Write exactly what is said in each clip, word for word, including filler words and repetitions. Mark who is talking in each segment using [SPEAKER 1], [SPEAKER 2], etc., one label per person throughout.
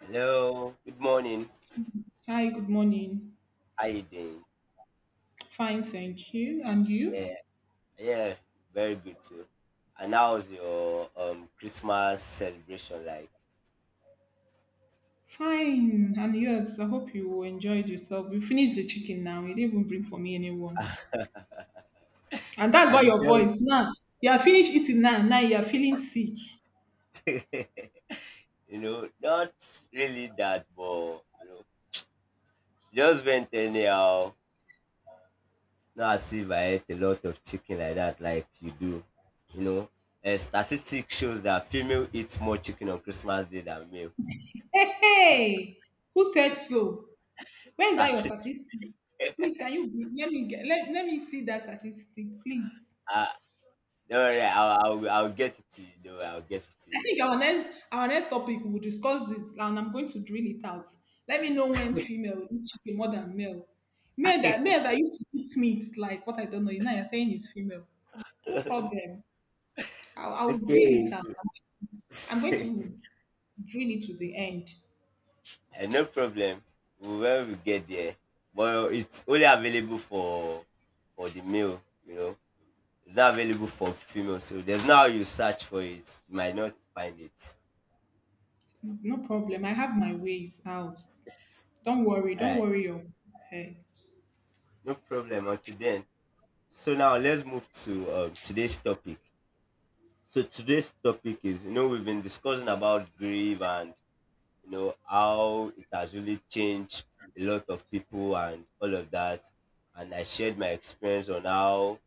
[SPEAKER 1] Hello, good morning.
[SPEAKER 2] Hi, good morning.
[SPEAKER 1] How you doing?
[SPEAKER 2] Fine, thank you. And you?
[SPEAKER 1] Yeah, yeah, very good too. And how was your um Christmas celebration like?
[SPEAKER 2] Fine. And yours? I hope you enjoyed yourself. You finished the chicken now. You didn't even bring for me anyone. And that's
[SPEAKER 1] I
[SPEAKER 2] why
[SPEAKER 1] did
[SPEAKER 2] your
[SPEAKER 1] not,
[SPEAKER 2] voice now. You are finished eating now. Now you are feeling sick.
[SPEAKER 1] you know, not really that, but you know, just went anyhow. Not as if I ate a lot of chicken like that, like you do. You know, a statistic shows that female eats more chicken on Christmas Day than male.
[SPEAKER 2] Hey, hey. Who said so? Where is that your
[SPEAKER 1] Statistic,
[SPEAKER 2] statistic? Please, can you give- let me get let, let me see that statistic, please?
[SPEAKER 1] uh, don't worry, I'll, I'll, I'll get it to you. Don't worry, I'll get it
[SPEAKER 2] I
[SPEAKER 1] to
[SPEAKER 2] think our next our next topic we'll discuss this, and I'm going to drill it out. Let me know when female will eat chicken more than male. Male
[SPEAKER 1] you.
[SPEAKER 2] that male that used to eat meat like what I don't know. Now you're saying is female. No problem. i I'll drill
[SPEAKER 1] Okay.
[SPEAKER 2] it out. I'm going to drill it to the end.
[SPEAKER 1] Eh, no problem. We- When we get there, but it's only available for for the male. You know, it's not available for female. So there's no how you search for it. You might not find it.
[SPEAKER 2] It's no problem. I have my ways out. Don't worry.
[SPEAKER 1] All
[SPEAKER 2] Don't
[SPEAKER 1] right,
[SPEAKER 2] worry your head.
[SPEAKER 1] no problem. Until then, so now let's move to um, today's topic. So today's topic is, you know, we've been discussing about grief and you know how it has really changed a lot of people and all of that. And I shared my experience on how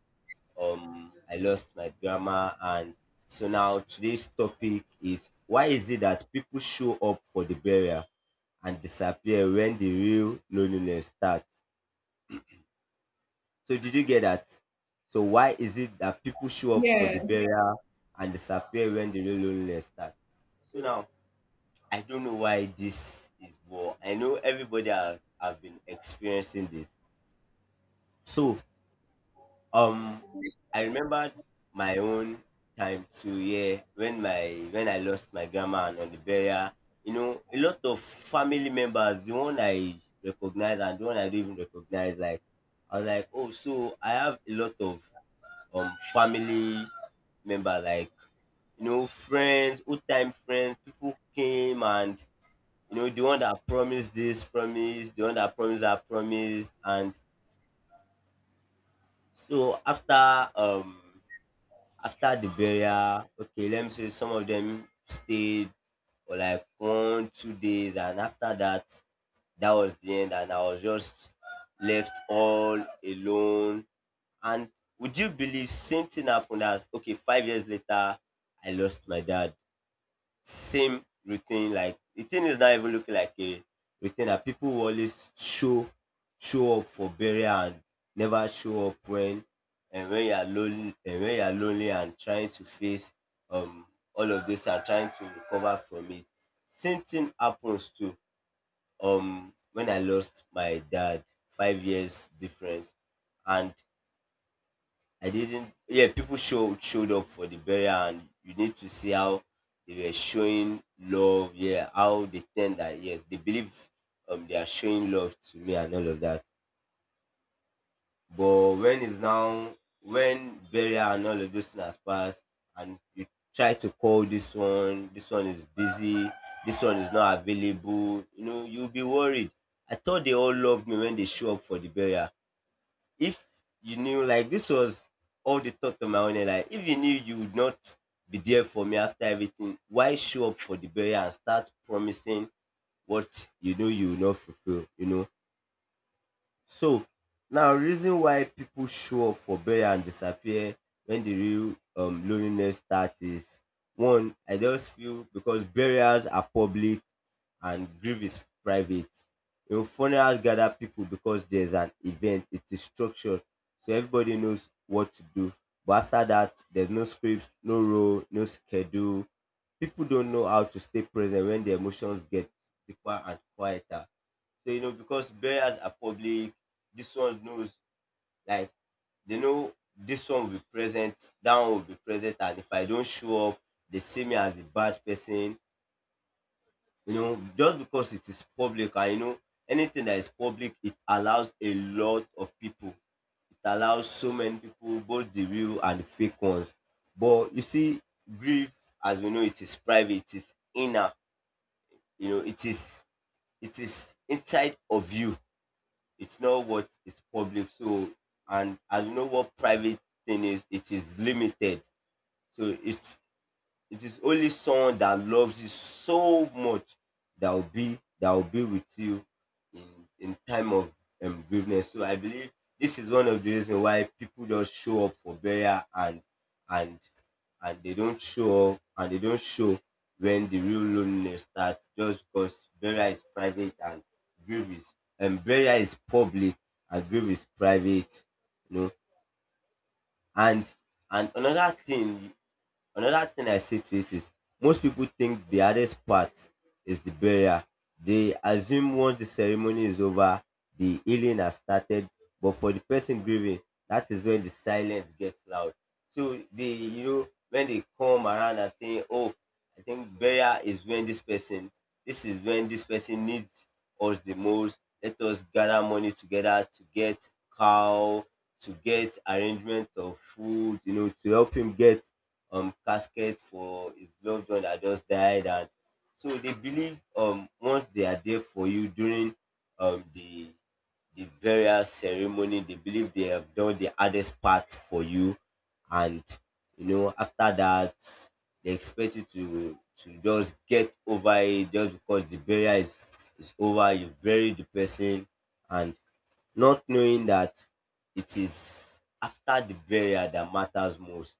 [SPEAKER 1] um I lost my grandma, and so now today's topic is: why is it that people show up for the burial and disappear when the real loneliness starts? So did you get that? So why is it that people show up for
[SPEAKER 2] Yeah.
[SPEAKER 1] the burial and disappear when the real loneliness starts? So now, I don't know why this is. But I know everybody has have been experiencing this. So Um, I remembered my own time too. Yeah, when my when I lost my grandma, and on the burial, you know, a lot of family members, the one I recognize and the one I don't even recognize, like I was like, oh, so I have a lot of um family member, like you know, friends, old time friends, people came, and you know, the one that promised this promised, the one that promised that promised, and so after um after the burial, okay, let me say some of them stayed for like one, two days, and after that, that was the end, and I was just left all alone. And would you believe same thing happened as, okay, five years later, I lost my dad. Same routine. Like, the thing is not even looking like a routine. That people will always show show up for burial and never show up when and when you are lonely and when you are lonely and trying to face um all of this and trying to recover from it. Same thing happens to um when I lost my dad, five years difference, and I didn't. Yeah, people showed showed up for the burial, and you need to see how they were showing love. Yeah, how they tend that. Yes, they believe um they are showing love to me and all of that. But when it's now when burial and all of those things has passed, and you try to call this one, this one is busy, this one is not available. You know, you'll be worried. I thought they all loved me when they show up for the burial. If you knew, like, this was all the thought of my own head, like, if you knew you would not be there for me after everything, why show up for the burial and start promising what you know you will not fulfill. You know so now, reason why people show up for burial and disappear when the real um loneliness starts is: one, I just feel because burials are public and grief is private. You know, funerals gather people because there's an event; it is structured. So everybody knows what to do. But after that, there's no scripts, no role, no schedule. People don't know how to stay present when the emotions get deeper and quieter. So, you know, because burials are public, this one knows, like, they know this one will be present, that one will be present, and if I don't show up, they see me as a bad person. You know, just because it is public, and, you know, anything that is public, it allows a lot of people. It allows so many people, both the real and the fake ones. But you see, grief, as we know, it is private, it is inner, you know, it is it is inside of you. It's not what is public. So and as you know what private thing is, it is limited. So it's it is only someone that loves you so much that will be that will be with you in in time of um, bereavement. So I believe this is one of the reasons why people just show up for burial, and and and they don't show up and they don't show when the real loneliness starts, just because burial is private and grief is and burial is public and grief is private. You know and and another thing Another thing I say to it is, most people think the hardest part is the burial. They assume once the ceremony is over, the healing has started. But for the person grieving, that is when the silence gets loud. So they, you know, when they come around and think, oh, I think burial is when this person, this is when this person needs us the most. Let us gather money together to get cow, to get arrangement of food, you know, to help him get um casket for his loved one that just died, and so they believe um once they are there for you during um the the burial ceremony, they believe they have done the hardest part for you, and you know after that, they expect you to to just get over it, just because the burial is is over, you've buried the person, and not knowing that it is after the burial that matters most.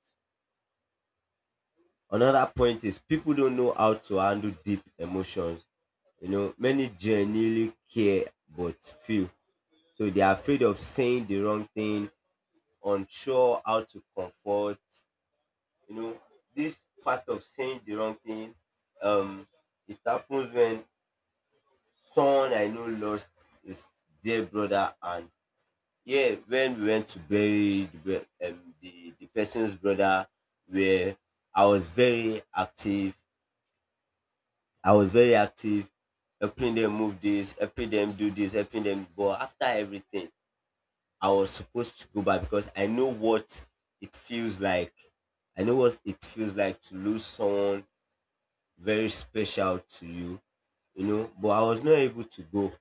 [SPEAKER 1] Another point is, people don't know how to handle deep emotions. You know, many genuinely care but feel. So they are afraid of saying the wrong thing, unsure how to comfort. You know, this part of saying the wrong thing, um, it happens when someone I know lost his dear brother, and yeah, when we went to bury the bro- um, the, the person's brother, where I was very active, I was very active, helping them move this, helping them do this, helping them. But after everything, I was supposed to go back because I know what it feels like. I know what it feels like to lose someone very special to you, you know. But I was not able to go.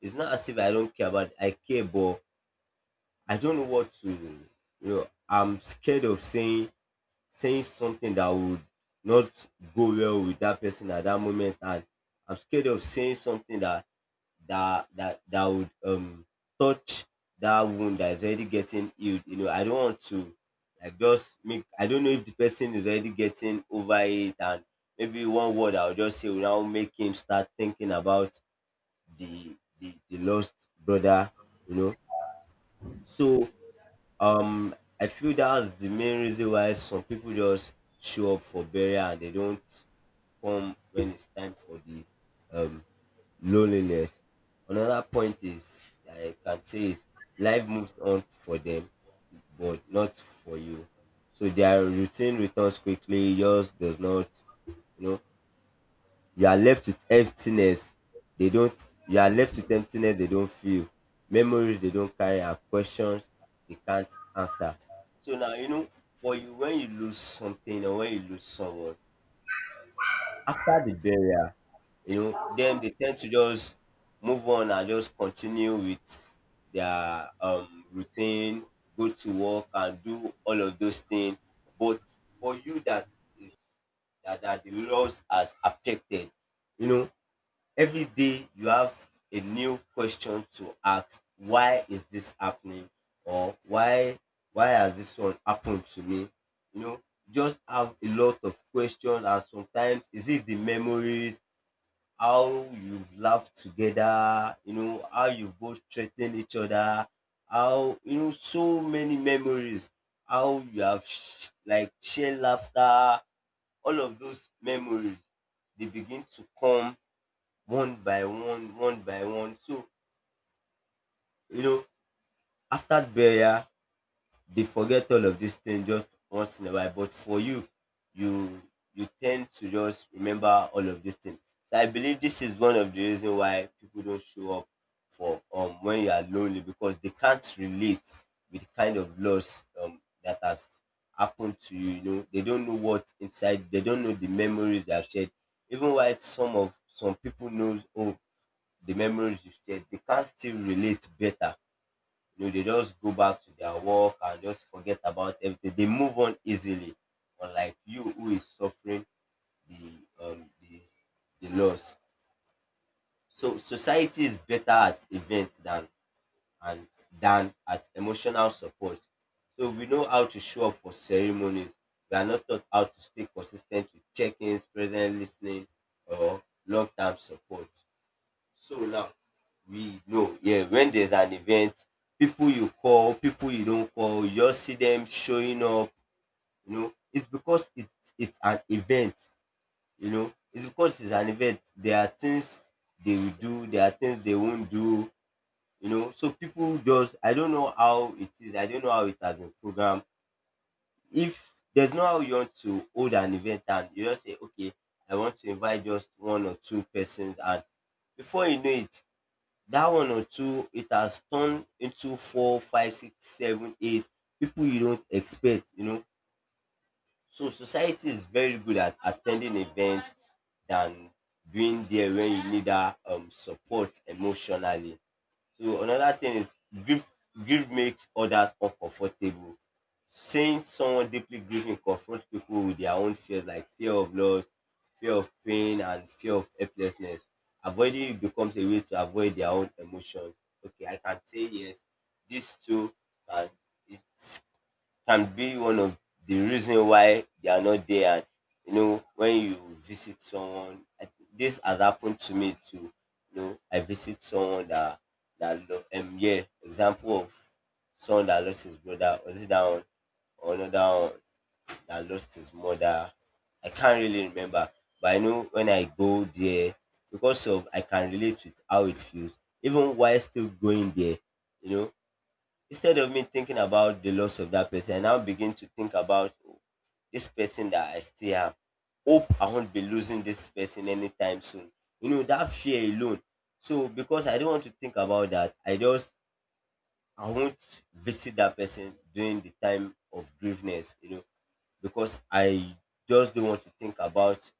[SPEAKER 1] It's not as if I don't care about. I care, but I don't know what to. You know, I'm scared of saying saying something that would not go well with that person at that moment, and I'm scared of saying something that that that that would um touch that wound that is already getting healed. You know, I don't want to like just make, I don't know if the person is already getting over it, and maybe one word I'll just say will now make him start thinking about the the, the lost brother, you know. So um I feel that's the main reason why some people just show up for burial and they don't come when it's time for the um loneliness. Another point is that I can say is, life moves on for them, but not for you. So their routine returns quickly. Yours does not. You know, you are left with emptiness. They don't. You are left with emptiness. They don't feel memories. They don't carry, and questions they can't answer. So now, you know for you, when you lose something or when you lose someone, after the burial, you know, then they tend to just move on and just continue with their um routine, go to work and do all of those things. But for you that is that, that the loss has affected, you know, every day you have a new question to ask: why is this happening, or why why has this one happened to me? you know just have a lot of questions, and sometimes is it the memories, how you've laughed together, you know how you've both threatened each other, how, you know so many memories, how you have sh- like shared laughter, all of those memories, they begin to come one by one, one by one. So, you know, after burial, they forget all of these things just once in a while. But for you, you you tend to just remember all of these things. So I believe this is one of the reasons why people don't show up for um when you are lonely, because they can't relate with the kind of loss um that has happened to you. You know, they don't know what's inside, they don't know the memories they have shared. Even while some of some people know, oh, the memories you shared, they can still relate better. You know, they just go back to their work and just forget about everything. They move on easily. Unlike you who is suffering the um the, the loss. So society is better at events than and than at emotional support. So we know how to show up for ceremonies. We are not taught how to stay consistent with check-ins, present listening, or long-term support. So now we know, yeah, when there's an event, people you call, people you don't call, you just see them showing up, you know. It's because it's it's an event, you know. It's because it's an event. There are things they will do, there are things they won't do, you know. So people, just I don't know how it is, I don't know how it has been programmed. If there's no how you want to hold an event and you just say, okay, I want to invite just one or two persons, and before you know it that one or two it has turned into four five six seven eight people you don't expect, you know. So society is very good at attending events than being there when you need that um, support emotionally. So another thing is grief grief makes others uncomfortable. Seeing someone deeply grieving confronts people with their own fears, like fear of loss, fear of pain, and fear of helplessness. Avoiding it becomes a way to avoid their own emotions. Okay, I can say yes, these two, and it's can be one of the reason why they are not there. And you know, when you visit someone, I, this has happened to me too. You know, I visit someone that that lo- um yeah, example of someone that lost his brother, was it that one or another one that lost his mother. I can't really remember, but I know when I go there because of I can relate with how it feels even while still going there. You know, instead of me thinking about the loss of that person, I now begin to think about, "Oh, this person that I still have. Hope I won't be losing this person anytime soon." You know, that fear alone. So because I don't want to think about that, I just I won't visit that person during the time of grieveness, you know, because I just don't want to think about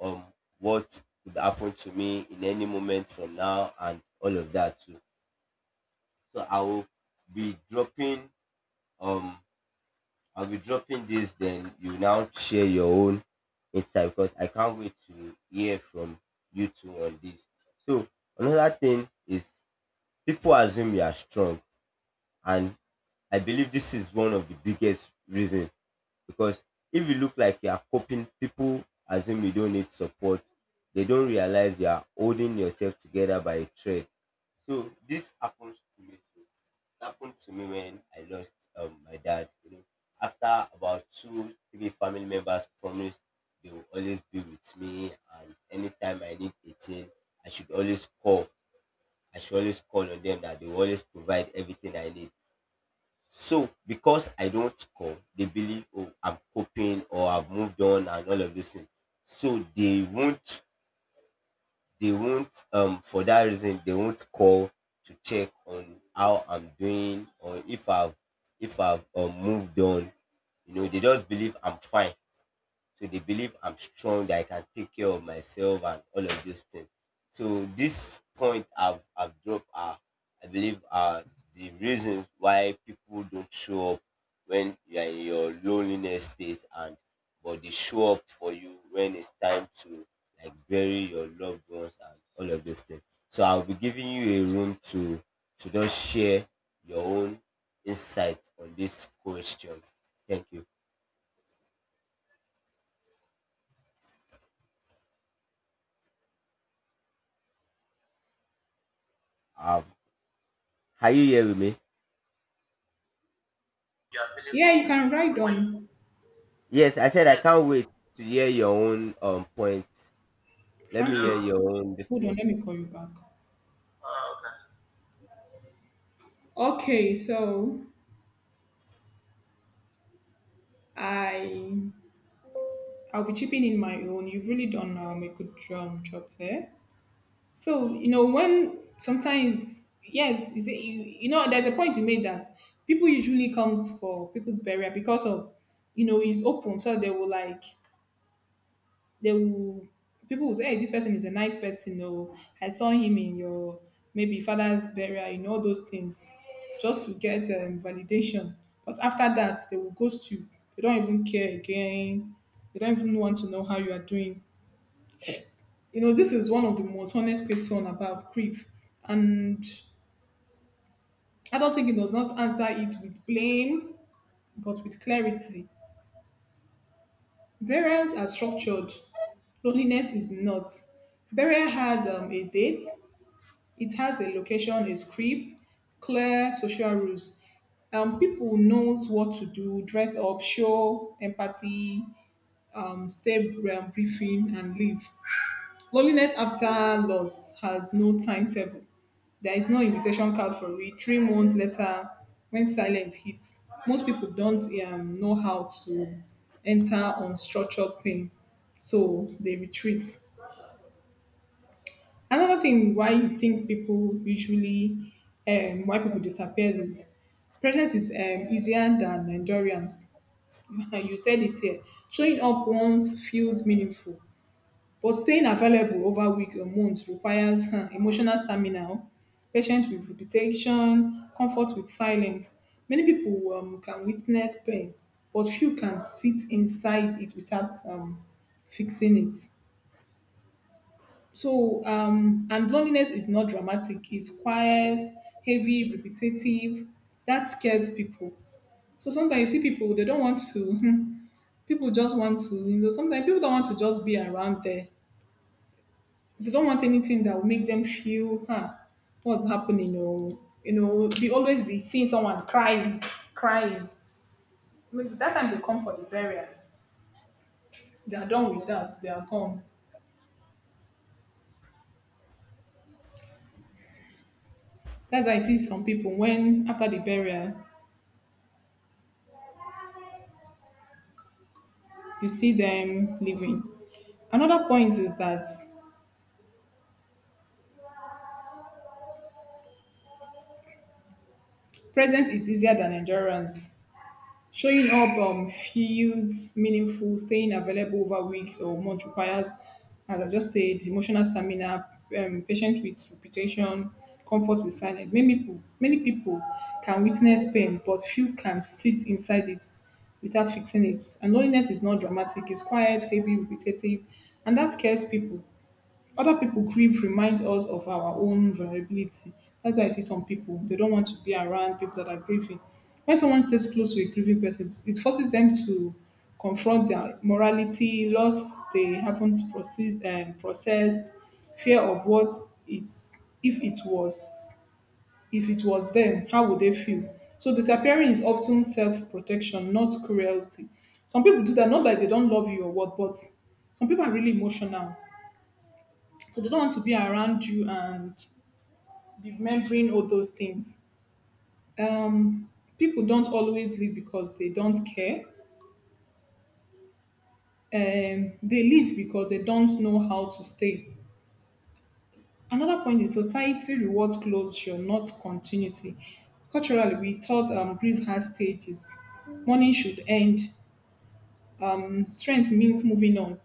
[SPEAKER 1] um what could happen to me in any moment from now and all of that too. So I will be dropping um I'll be dropping this, then you now share your own insight because I can't wait to hear from you two on this. So another thing is people assume you are strong, and I believe this is one of the biggest reason, because if you look like you are coping, people assume you don't need support. They don't realize you are holding yourself together by a thread. So this happens to me too. It happened to me when I lost um, my dad. You know, after about two, three family members promised they will always be with me, and anytime I need a thing, I should always call. I should always call on them that they will always provide everything I need. So because I don't call, they believe, oh, I'm coping or I've moved on and all of this thing. So they won't, they won't, um, for that reason, they won't call to check on how I'm doing or if I've, if I've um, moved on. You know, they just believe I'm fine. So they believe I'm strong, that I can take care of myself and all of those things. So this point I've, I've dropped are, I believe, are the reasons why people don't show up when you are in your loneliness state, and but they show up for you when it's time to like bury your loved ones and all of those things. So I'll be giving you a room to to just share your own insight on this question. Thank you. Um, are you here with me?
[SPEAKER 2] Yeah, you can ride on.
[SPEAKER 1] Yes, I said I can't wait to hear your own um point. Let me hear
[SPEAKER 2] Francis,
[SPEAKER 1] your own this
[SPEAKER 2] hold on.
[SPEAKER 1] thing.
[SPEAKER 2] Let me call you back. Oh, okay. Okay, so I I'll be chipping in my own. You've really done um, a good um, job there. So you know when sometimes yes, you see, you, you know there's a point you made that people usually comes for people's burial because of you know it's open, so they will like they will people will say, hey, this person is a nice person. Oh, I saw him in your maybe father's burial, you know, all those things, just
[SPEAKER 1] Yes.
[SPEAKER 2] to get um, validation. But after that, they will ghost you. They don't even care again. They don't even want to know how you are doing. You know, this is one of the most honest question about grief, and I don't think it does not answer it with blame, but with clarity. Burials are structured. Loneliness is not. Burial has um, a date. It has a location, a script, clear social rules. Um, people knows what to do, dress up, show empathy, um, stay um, briefing, and leave. Loneliness after loss has no timetable. There is no invitation card for it. Three months later, when silence hits, most people don't um, know how to enter unstructured pain, so they retreat. Another thing why I think people usually um, why people disappear is presence is um, easier than endurance. You said it here. Showing up once feels meaningful, but staying available over weeks or months requires huh, emotional stamina, patience with repetition, comfort with silence. Many people um, can witness pain, but few can sit inside it without um, fixing it. So, um, and loneliness is not dramatic. It's quiet, heavy, repetitive. That scares people. So sometimes you see people they don't want to. People just want to, you know. Sometimes people don't want to just be around there. They don't want anything that will make them feel, huh, what's happening? Or you know, they always be seeing someone crying, crying. Maybe that time they come for the burial. They are done with that. They are gone. That's why I see some people when after the burial you see them living. Another point is that presence is easier than endurance. Showing up um, feels meaningful. Staying available over weeks or months requires, as I just said, emotional stamina, um, patience with reputation, comfort with silence. Many people, many people can witness pain, but few can sit inside it without fixing it. And loneliness is not dramatic. It's quiet, heavy, repetitive, and that scares people. Other people grief remind us of our own vulnerability. That's why I see some people, they don't want to be around people that are grieving. When someone stays close to a grieving person, it forces them to confront their morality, loss they haven't proceed, um, processed, fear of what it's, if it was, if it was them, how would they feel? So disappearing is often self-protection, not cruelty. Some people do that, not that they don't love you or what, but some people are really emotional so they don't want to be around you and be remembering all those things. Um, People don't always leave because they don't care. Um, they leave because they don't know how to stay. Another point is society rewards closure, not continuity. Culturally, we thought um, grief has stages. Mourning should end. Um, strength means moving on.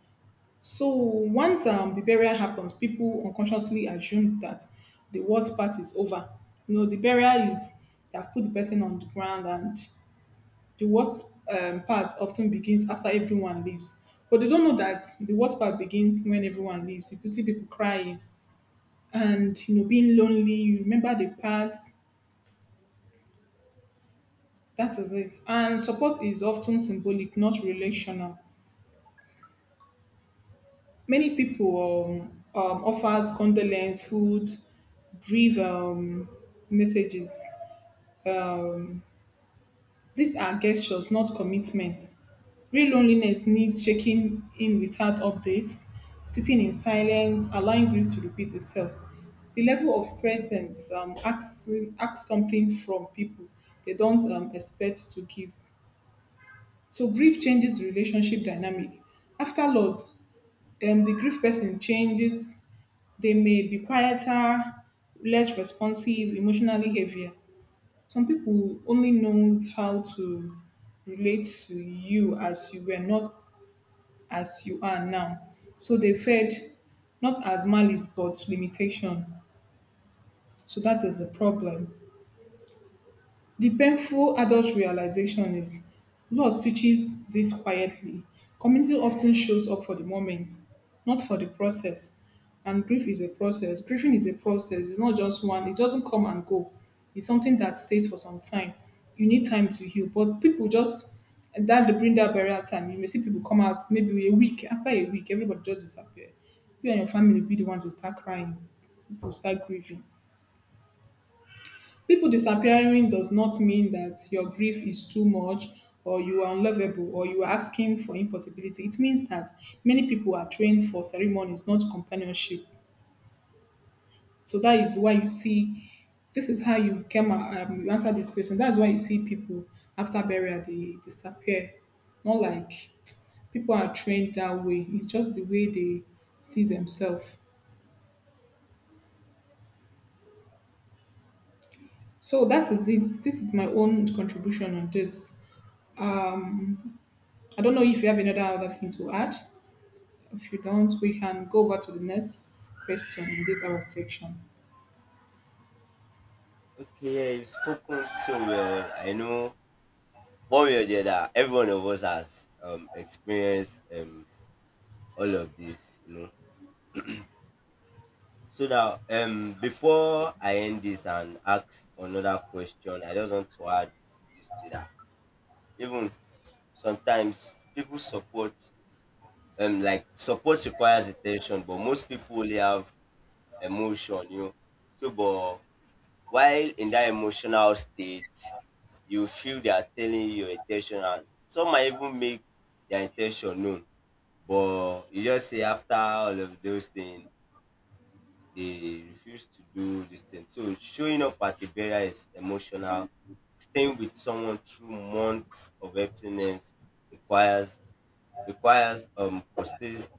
[SPEAKER 2] So once um, the burial happens, people unconsciously assume that the worst part is over. You know, the burial is they have put the person on the ground, and the worst um, part often begins after everyone leaves. But they don't know that the worst part begins when everyone leaves. You could see people crying and you know being lonely. You remember the past. That is it. And support is often symbolic, not relational. Many people um, um, offers condolence food, brief um, messages. Um, these are gestures, not commitment. Real loneliness needs checking in without updates, sitting in silence, allowing grief to repeat itself. The level of presence um, asks, asks something from people they don't um, expect to give. So grief changes relationship dynamic. After loss, um, the grief person changes. They may be quieter, less responsive, emotionally heavier. Some people only knows how to relate to you as you were, not as you are now. So they fed not as malice but limitation. So that is a problem. The painful adult realization is loss teaches this quietly. Community often shows up for the moment, not for the process. And grief is a process. Grieving is a process. It's not just one. It doesn't come and go. It's something that stays for some time. You need time to heal. But people just and that they bring that burial time. You may see people come out maybe a week after a week, everybody just disappear. You and your family be the ones to start crying, people start grieving. People disappearing does not mean that your grief is too much or you are unlovable or you are asking for impossibility. It means that many people are trained for ceremonies, not companionship. So that is why you see, this is how you came a- um, you answer this question. That's why you see people after burial they disappear. Not like people are trained that way. It's just the way they see themselves. So that is it. This is my own contribution on this. I don't know if you have another other thing to add. If you don't, we can go over to the next question in this our section.
[SPEAKER 1] Okay, yeah, you've spoken so well. I know one way or the other, every one of us has um experienced um all of this, you know. So now um before I end this and ask another question, I just want to add this to that. Even sometimes people support um like support requires attention, but most people only have emotion, you know. So, but while in that emotional state, you feel they are telling you your intention, and some might even make their intention known. But you just say after all of those things, they refuse to do this thing. So showing up at the barrier is emotional. Staying with someone through months of abstinence requires requires um consist-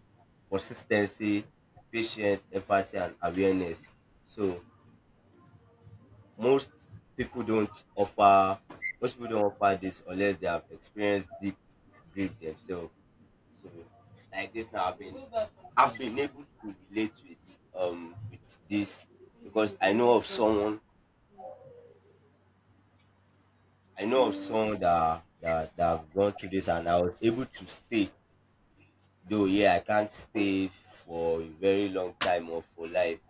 [SPEAKER 1] consistency, patience, empathy, and awareness. So Most people don't offer most people don't offer this unless they have experienced deep grief themselves. So like this now I've been I've been able to relate to it um with this because I know of someone I know of someone that that, that have gone through this and I was able to stay. Though yeah I can't stay for a very long time or for life,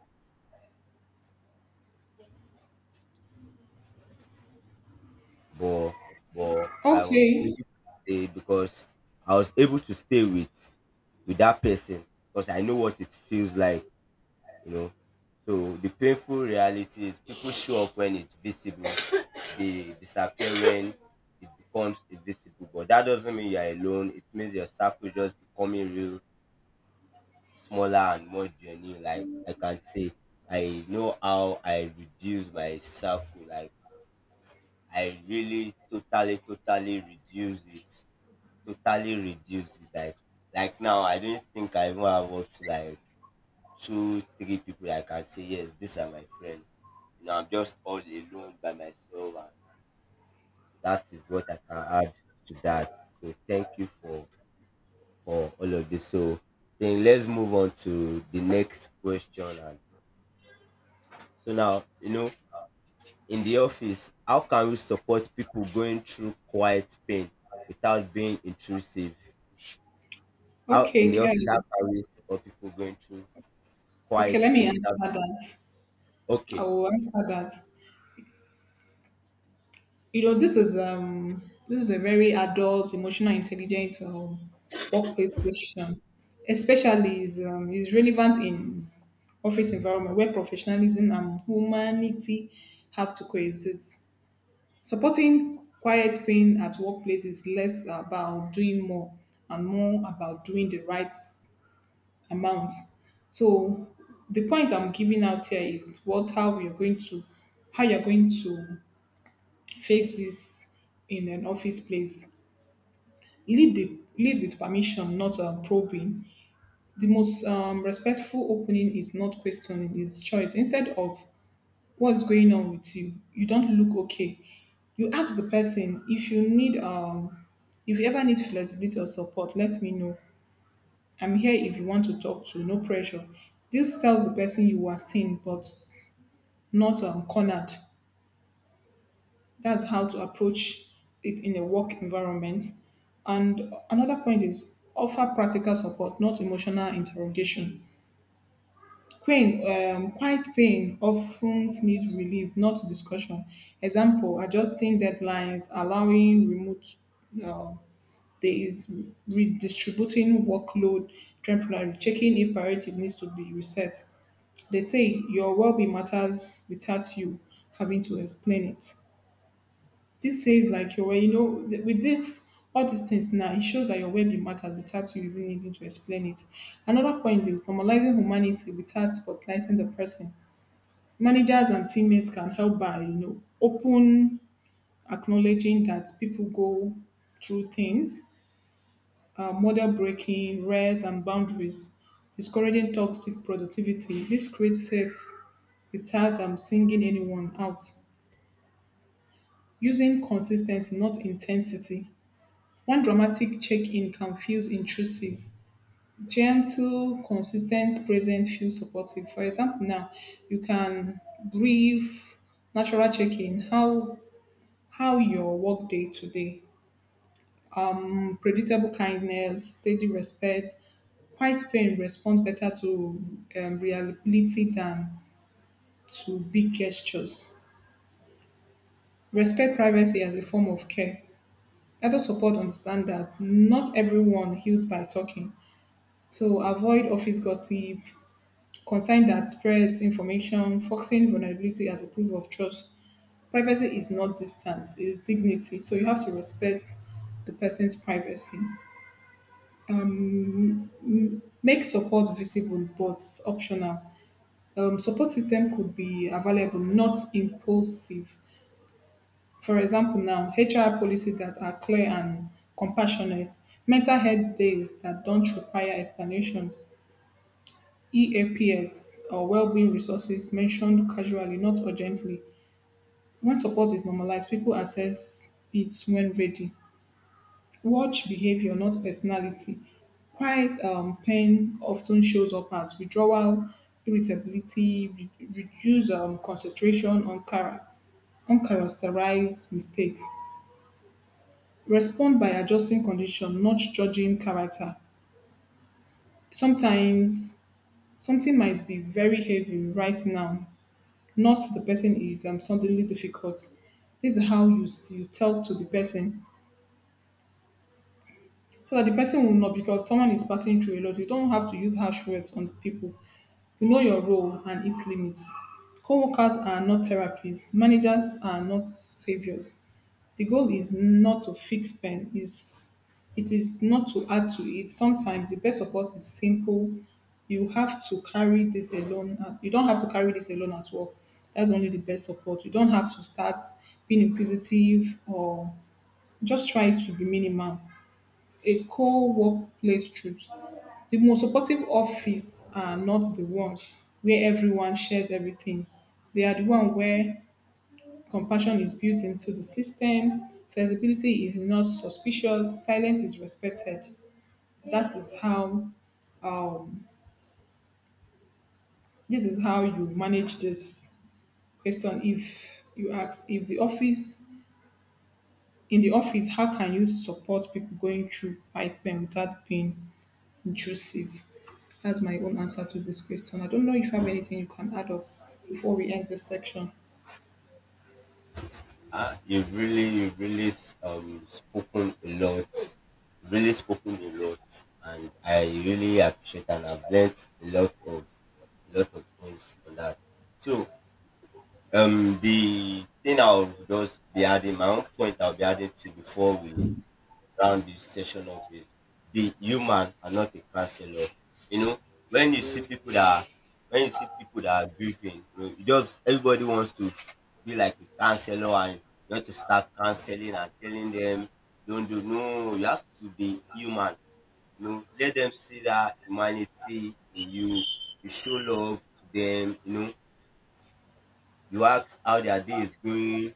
[SPEAKER 1] but but I was
[SPEAKER 2] Okay,
[SPEAKER 1] able to stay because I was able to stay with with that person because I know what it feels like, you know. So the painful reality is people show up when it's visible, they disappear when it becomes invisible. But that doesn't mean you're alone. It means your circle just becoming real, smaller and more genuine. Like I can say, I know how I reduce my circle. Like I really totally, totally reduce it. Totally reduce it. Like like now I don't think I even have up to like two, three people I can say, yes, these are my friends. You know, I'm just all alone by myself and that is what I can add to that. So thank you for for all of this. So then let's move on to the next question. And so now you know, in the office, how can we support people going through quiet pain without being intrusive? How in the
[SPEAKER 2] okay,
[SPEAKER 1] office, how
[SPEAKER 2] um,
[SPEAKER 1] can we support people going through
[SPEAKER 2] okay.
[SPEAKER 1] quiet
[SPEAKER 2] Let me
[SPEAKER 1] pain
[SPEAKER 2] answer
[SPEAKER 1] without being
[SPEAKER 2] that. I
[SPEAKER 1] okay?
[SPEAKER 2] will
[SPEAKER 1] Okay.
[SPEAKER 2] answer that. You know, this is um, this is a very adult, emotional intelligent um, workplace question. Especially is um, is relevant in office environment where professionalism and humanity have to coexist. Supporting quiet quitting at workplace is less about doing more and more about doing the right amount. So the point I'm giving out here is what how you're going to how you're going to face this in an office place. Lead the lead with permission, not um, probing. The most um, respectful opening is not questioning, is choice. Instead of, "what's going on with you, you don't look okay," you ask the person, if you need um "if you ever need flexibility or support, let me know. I'm here if you want to talk to, no pressure." This tells the person you are seen but not um, cornered. That's how to approach it in a work environment. And another point is: offer practical support, not emotional interrogation. Pain, um, quiet pain often needs relief, not discussion. Example, adjusting deadlines, allowing remote uh, days, redistributing workload temporarily, checking if priority needs to be reset. They say your well-being matters without you having to explain it. This says like your, you know, th- with this, all these things now, it shows that your well-being matters without you even needing to explain it. Another point is normalizing humanity without spotlighting the person. Managers and teammates can help by you know open acknowledging that people go through things, uh, model breaking rest and boundaries, discouraging toxic productivity. This creates safe without um, singing anyone out, using consistency not intensity. One dramatic check-in can feel intrusive; gentle consistent present feels supportive. For example now, you can brief natural check-in, how How your work day today? Um, predictable kindness, steady respect, quiet pain responds better to um, reliability than to big gestures. Respect privacy as a form of care. Adult support understand that not everyone heals by talking. So avoid office gossip, concern that spreads information, focusing vulnerability as a proof of trust. Privacy is not distance, it's dignity. So you have to respect the person's privacy. Make support visible but optional. Um, support system could be available, not impulsive. For example, now H R policies that are clear and compassionate, mental health days that don't require explanations, E A P S or well-being resources mentioned casually, not urgently. When support is normalized, people access it when ready. Watch behavior, not personality. Quiet um, pain often shows up as withdrawal, irritability, re- reduced um, concentration, on chara- uncharacterized mistakes. Respond by adjusting condition, not judging character. Sometimes something might be very heavy right now, not the person is um, suddenly difficult. This is how you, you tell to the person so that the person will know because someone is passing through a lot. You don't have to use harsh words on the people. You know your role and its limits. Coworkers are not therapists. Managers are not saviors. The goal is not to fix pain. Is it is not to add to it. Sometimes the best support is simple. You have to carry this alone. at- You don't have to carry this alone at work. That's only the best support. You don't have to start being inquisitive or just try to be minimal, a co-workplace truth. The most supportive office are not the ones where everyone shares everything. They are the one where compassion is built into the system, flexibility is not suspicious, silence is respected. That is how um, this is how you manage this question. If you ask if the office in the office, how can you support people going through fight pain without pain intrusive? That's my own answer to this question. I don't know if you have anything you can add up before we end this section.
[SPEAKER 1] Uh, you've really, you've really um spoken a lot, really spoken a lot, and I really appreciate and I've learned a lot of a lot of things on that. So um the thing I'll just be adding my own point I'll be adding to before we round this session up is be human and not a counselor. You know, when you see people that are, when you see people that are grieving, you know, you just everybody wants to f- be like a counselor, and you want to start counseling and telling them, don't do no, you have to be human. You know, let them see that humanity in you. You show love to them, you know, you ask how their day is going,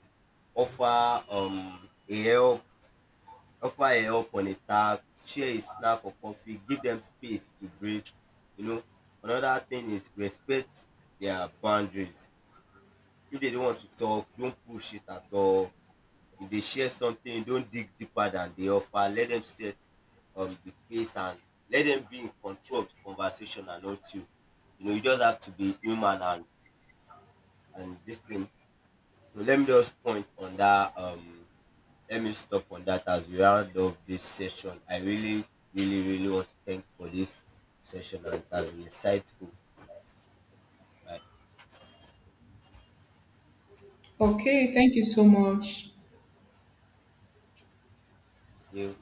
[SPEAKER 1] offer um a help, offer a help on a task, share a snack or coffee, give them space to breathe. You know, another thing is respect their boundaries. If they don't want to talk, don't push it at all. If they share something, don't dig deeper than they offer. Let them set um, the pace, and let them be in control of the conversation and not you. You know, you just have to be human, and, and this thing. So let me just point on that um, let me stop on that as we round up this session. I really, really, really want to thank for this session, and it has been insightful. Like,
[SPEAKER 2] Okay, thank you so much.
[SPEAKER 1] thank you.